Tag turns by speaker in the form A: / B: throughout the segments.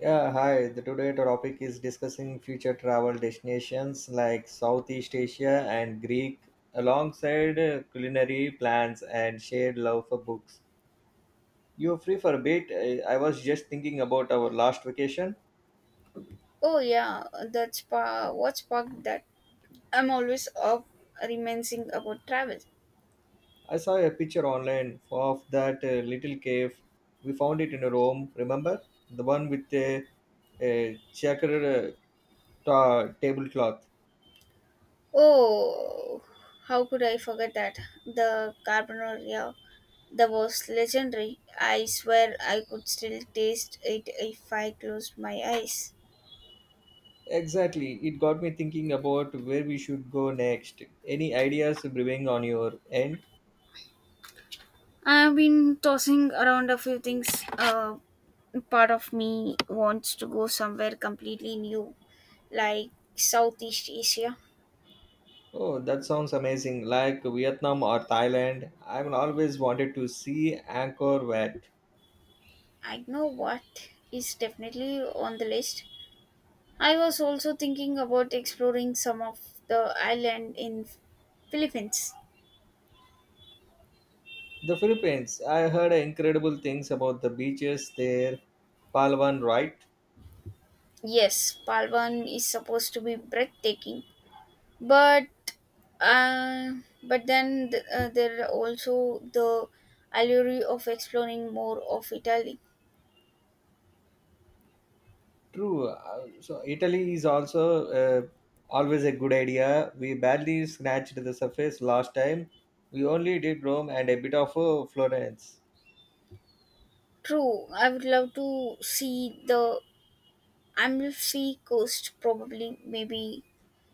A: Yeah, hi. The today topic is discussing future travel destinations like Southeast Asia and Greek alongside culinary plans and shared love for books. You free for a bit? I was just thinking about our last vacation.
B: Oh yeah, that's what sparked that. I'm always up reminiscing about travel.
A: I saw a picture online of that little cave. We found it in Rome, remember? The one with a checkered tablecloth.
B: Oh, how could I forget that? The Carbonaria that was legendary. I swear I could still taste it if I closed my eyes.
A: Exactly. It got me thinking about where we should go next. Any ideas brewing on your end?
B: I've been tossing around a few things. Uh, Part of me wants to go somewhere completely new, like Southeast Asia.
A: Oh, that sounds amazing. Like Vietnam or Thailand. I've always wanted to see Angkor Wat.
B: I know what is definitely on the list. I was also thinking about exploring some of the island in Philippines.
A: The Philippines. I heard incredible things about the beaches there. Palawan, right?
B: Yes, Palawan is supposed to be breathtaking, but uh, but then there are also the allure of exploring more of Italy.
A: True. So Italy is also always a good idea. We barely scratched the surface last time. We only did Rome and a bit of Florence.
B: True, I would love to see the Amalfi coast, probably maybe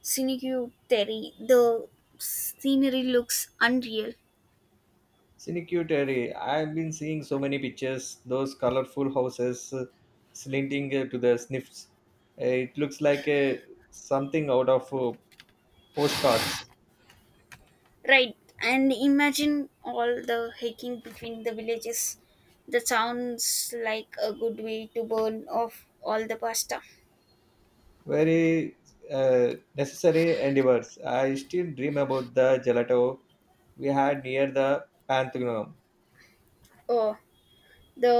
B: Cinque Terre. The scenery looks unreal.
A: Sinecutary. I've been seeing so many pictures, those colorful houses slanting to the sniffs. It looks like something out of postcards.
B: Right, and imagine all the hiking between the villages. That sounds like a good way to burn off all the pasta.
A: Very necessary endeavors. I still dream about the gelato we had near the Pantheon.
B: Oh, the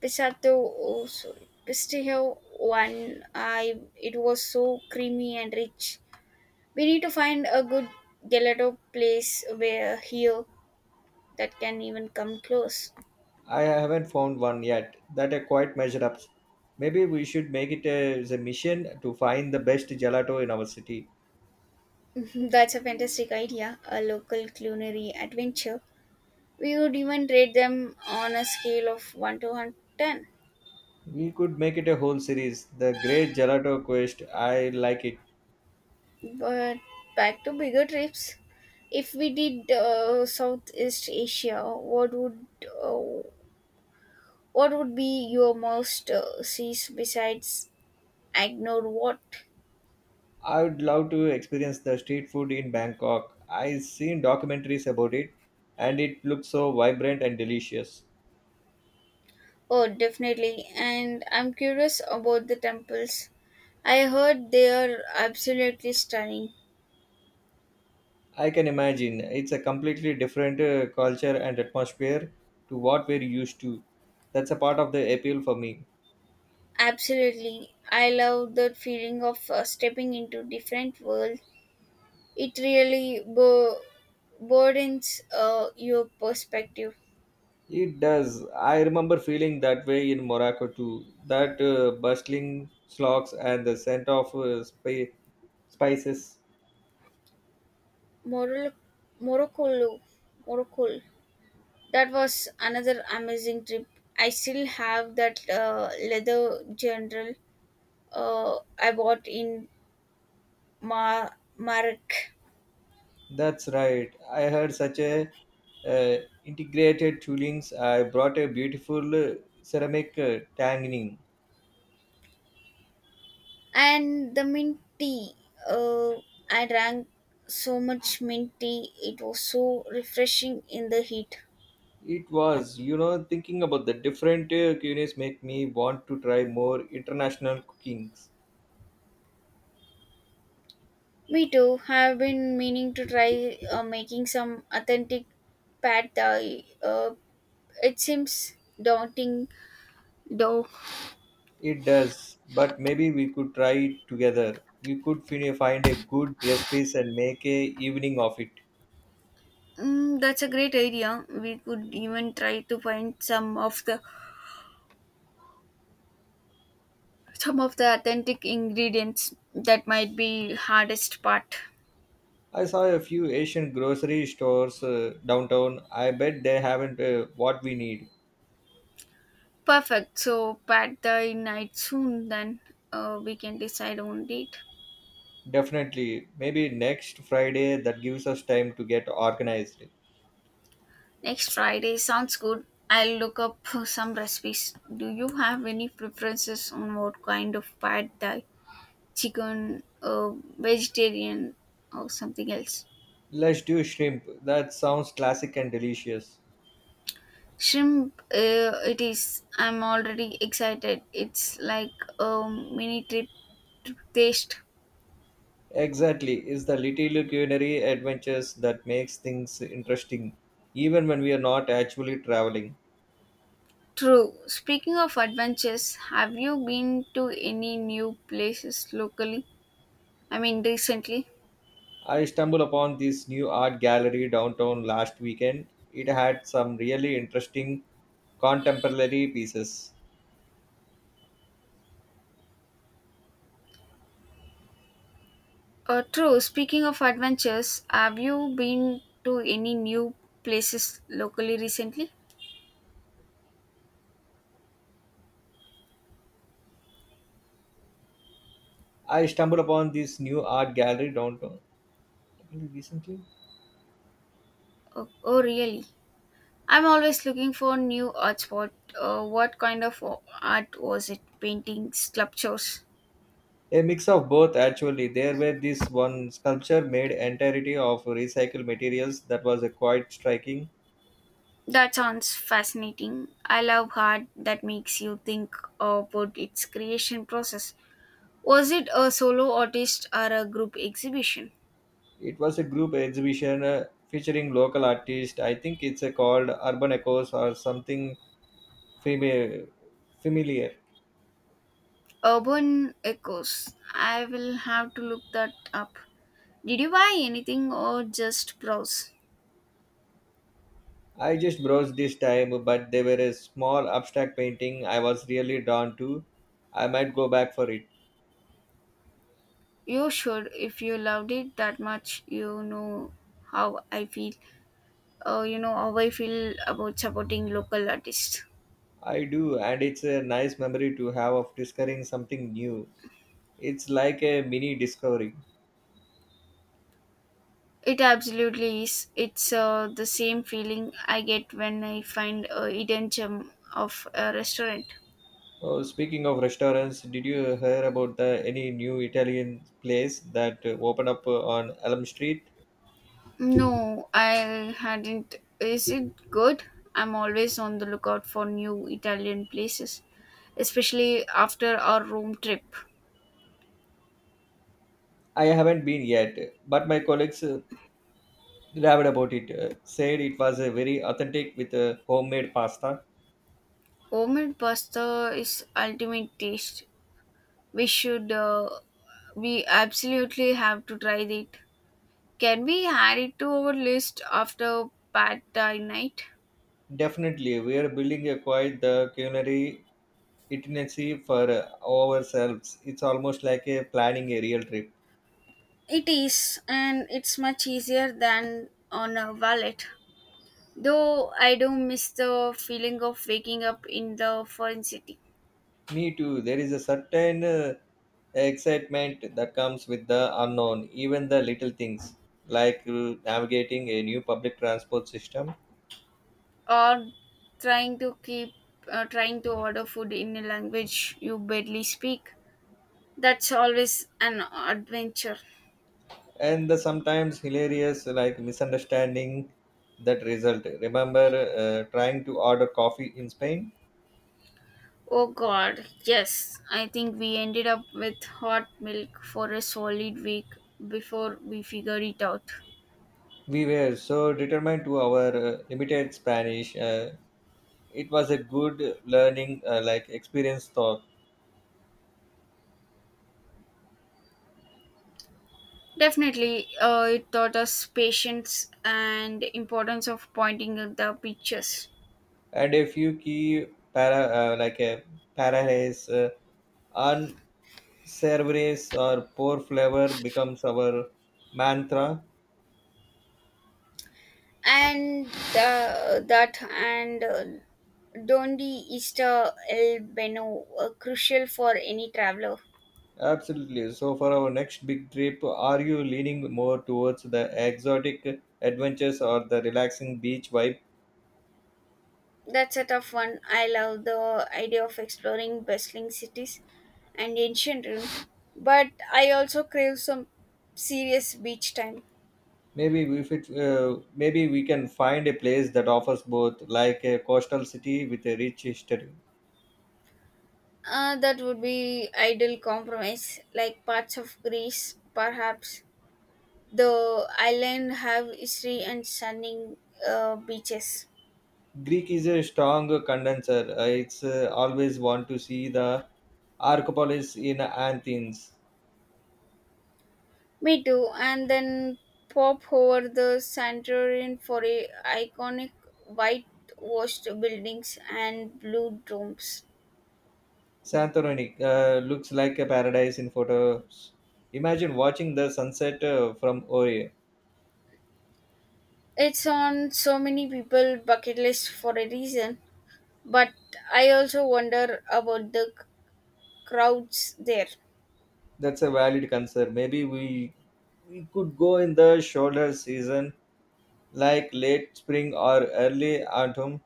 B: pistato, oh sorry, pistachio one. I It was so creamy and rich. We need to find a good gelato place where here that can even come close.
A: I haven't found one yet that I quite measure up. Maybe we should make it as a mission to find the best gelato in our city.
B: That's a fantastic idea, a local culinary adventure. We would even rate them on a scale of 1 to 110.
A: We could make it a whole series. The Great Gelato Quest. I like it.
B: But back to bigger trips. If we did Southeast Asia, what would uh, be your most seas besides Agnor Wat?
A: I would love to experience the street food in Bangkok. I've seen documentaries about it and it looks so vibrant and delicious.
B: Oh, definitely. And I'm curious about the temples. I heard they are absolutely stunning.
A: I can imagine it's a completely different culture and atmosphere to what we're used to. That's a part of the appeal for me.
B: Absolutely. I love the feeling of stepping into different world. It really broadens your perspective.
A: It does. I remember feeling that way in Morocco too. That bustling slogs and the scent of spices.
B: Morocco, Morocco, Morocco. That was another amazing trip. I still have that leather general I bought in Ma- Marek.
A: That's right. I had such a uh, integrated toolings. I brought a beautiful ceramic tanning.
B: And the mint tea. Uh, I drank so much mint tea. It was so refreshing in the heat.
A: It was, thinking about the different cuisines make me want to try more international cookings.
B: Me too. Have been meaning to try making some authentic pad thai. It seems daunting, though.
A: It does, but maybe we could try it together. We could find a good recipes and make a evening of it.
B: Mm, that's a great idea. We could even try to find some of the authentic ingredients. That might be hardest part.
A: I saw a few Asian grocery stores downtown. I bet they haven't what we need.
B: Perfect. So pad thai night soon. Then we can decide on date.
A: Definitely. Maybe next Friday that gives us time to get organized.
B: Next Friday sounds good. I'll look up some recipes. Do you have any preferences on what kind of pad thai, chicken, vegetarian, or something else?
A: Let's do shrimp. That sounds classic and delicious.
B: Shrimp, it is. I'm already excited. It's like a mini trip to taste.
A: Exactly. It's the little culinary adventures that makes things interesting, even when we are not actually traveling.
B: True. Speaking of adventures, have you been to any new places locally? I mean, recently?
A: I stumbled upon this new art gallery downtown last weekend. It had some really interesting contemporary pieces.
B: True. Speaking of adventures, have you been to any new places locally recently?
A: I stumbled upon this new art gallery downtown recently.
B: Oh, oh really? I'm always looking for new art spot. What kind of art was it? Paintings, sculptures?
A: A mix of both, actually. There were this one sculpture made entirety of recycled materials that was quite striking.
B: That sounds fascinating. I love art that makes you think about its creation process. Was it a solo artist or a group exhibition?
A: It was a group exhibition featuring local artists. I think it's called Urban Echoes or something fami- familiar.
B: Urban Echoes. I will have to look that up. Did you buy anything or just browse?
A: I just browsed this time, but there were a small abstract painting I was really drawn to. I might go back for it.
B: You should. If you loved it that much, how I feel. You know how I feel about supporting local artists.
A: I do, and it's a nice memory to have of discovering something new. It's like a mini discovery.
B: It absolutely is. It's the same feeling I get when I find a hidden gem of a restaurant.
A: Oh, speaking of restaurants, did you hear about the any new Italian place that opened up on Elm Street?
B: No, I hadn't. Is it good? I'm always on the lookout for new Italian places, especially after our Rome trip.
A: I haven't been yet, but my colleagues raved about it. Said it was very authentic with homemade pasta.
B: Homemade pasta is ultimate taste. We should, uh, we absolutely have to try it. Can we add it to our list after pad thai night?
A: Definitely, we are building a quite the culinary itinerary for ourselves. It's almost like a planning a real trip.
B: It is, and it's much easier than on a wallet. Though I do miss the feeling of waking up in the foreign city,
A: Me too. There is a certain excitement that comes with the unknown, even the little things like navigating a new public transport system
B: or trying to order food in a language you barely speak. That's always an adventure.
A: and the sometimes hilarious like misunderstanding that result. Remember trying to order coffee in Spain?
B: Oh god, yes. I think we ended up with hot milk for a solid week before we figured it out.
A: We were so determined to our limited Spanish. It was a good learning like experience thought
B: Definitely, it taught us patience and importance of pointing at the pictures.
A: and a few key para like a parallels on Cerberus or poor flavor becomes our mantra.
B: And that and Dondi Easter El Beno are crucial for any traveler.
A: Absolutely. So, for our next big trip, are you leaning more towards the exotic adventures or the relaxing beach vibe?
B: That's a tough one. I love the idea of exploring bustling cities and ancient ruins, but I also crave some serious beach time.
A: Maybe if it, Maybe we can find a place that offers both, like a coastal city with a rich history.
B: That would be ideal compromise, like parts of Greece, perhaps. The island have history and stunning beaches.
A: Greek is a strong condenser. I it's Always want to see the Arcopolis in Athens.
B: Me too. And then pop over the Santorin for a iconic white washed buildings and blue domes.
A: Santorini looks like a paradise in photos. Imagine watching the sunset from Oria.
B: It's on so many people bucket list for a reason, but I also wonder about the crowds there.
A: That's a valid concern. We could go in the shoulder season, like late spring or early autumn.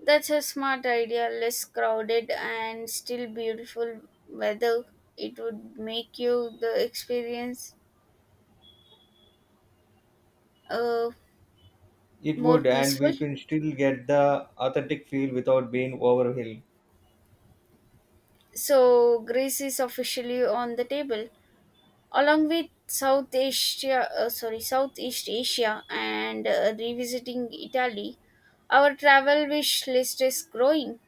B: That's a smart idea, less crowded and still beautiful weather. It would make you the experience uh,
A: It
B: more
A: would, and
B: peaceful.
A: we can still get the authentic feel without being overwhelmed.
B: So Greece is officially on the table, along with South Asia, sorry, Southeast Asia and revisiting Italy. Our travel wish list is growing.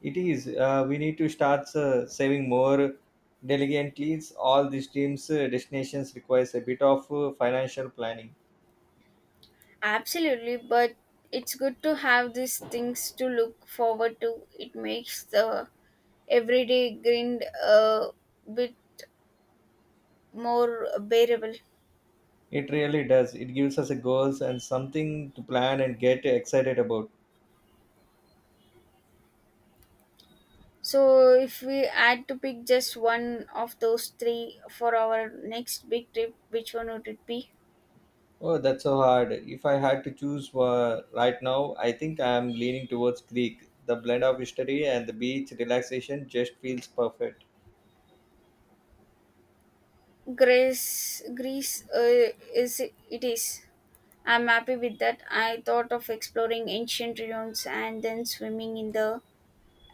A: It is. We need to start saving more diligently. All these teams' destinations requires a bit of financial planning.
B: Absolutely, but it's good to have these things to look forward to. It makes the everyday grind a bit more bearable.
A: It really does. It gives us a goals and something to plan and get excited about.
B: So, if we had to pick just one of those three for our next big trip, which one would it be?
A: Oh, that's so hard. If I had to choose right now, I think I am leaning towards Greek. The blend of history and the beach relaxation just feels perfect.
B: Grace, Greece, is. I'm happy with that. I thought of exploring ancient ruins and then swimming in the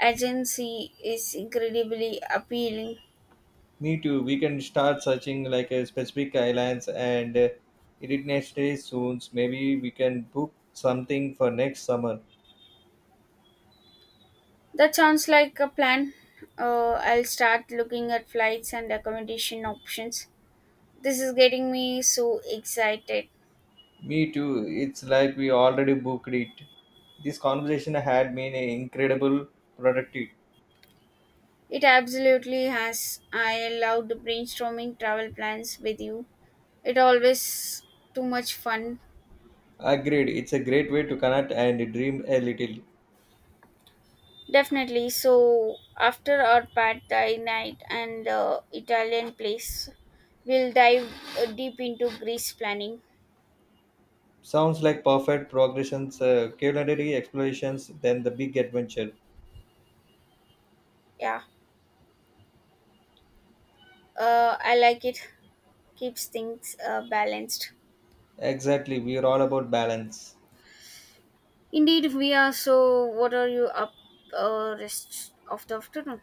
B: Aegean Sea is incredibly appealing.
A: Me too. We can start searching like a specific islands and itineraries soon. Maybe we can book something for next summer.
B: That sounds like a plan. I'll start looking at flights and accommodation options. This is getting me so excited.
A: Me too. It's like we already booked it. This conversation had been incredible productive.
B: It absolutely has. I loved brainstorming travel plans with you. It always too much fun.
A: Agreed. It's a great way to connect and dream a little.
B: Definitely. So after our pad thai night and Italian place, we'll dive deep into Greece planning.
A: Sounds like perfect progressions, culinary explorations, then the big adventure.
B: Yeah, I like it. Keeps things balanced.
A: Exactly. We are all about balance.
B: Indeed, we are. So, what are you up rest of the afternoon?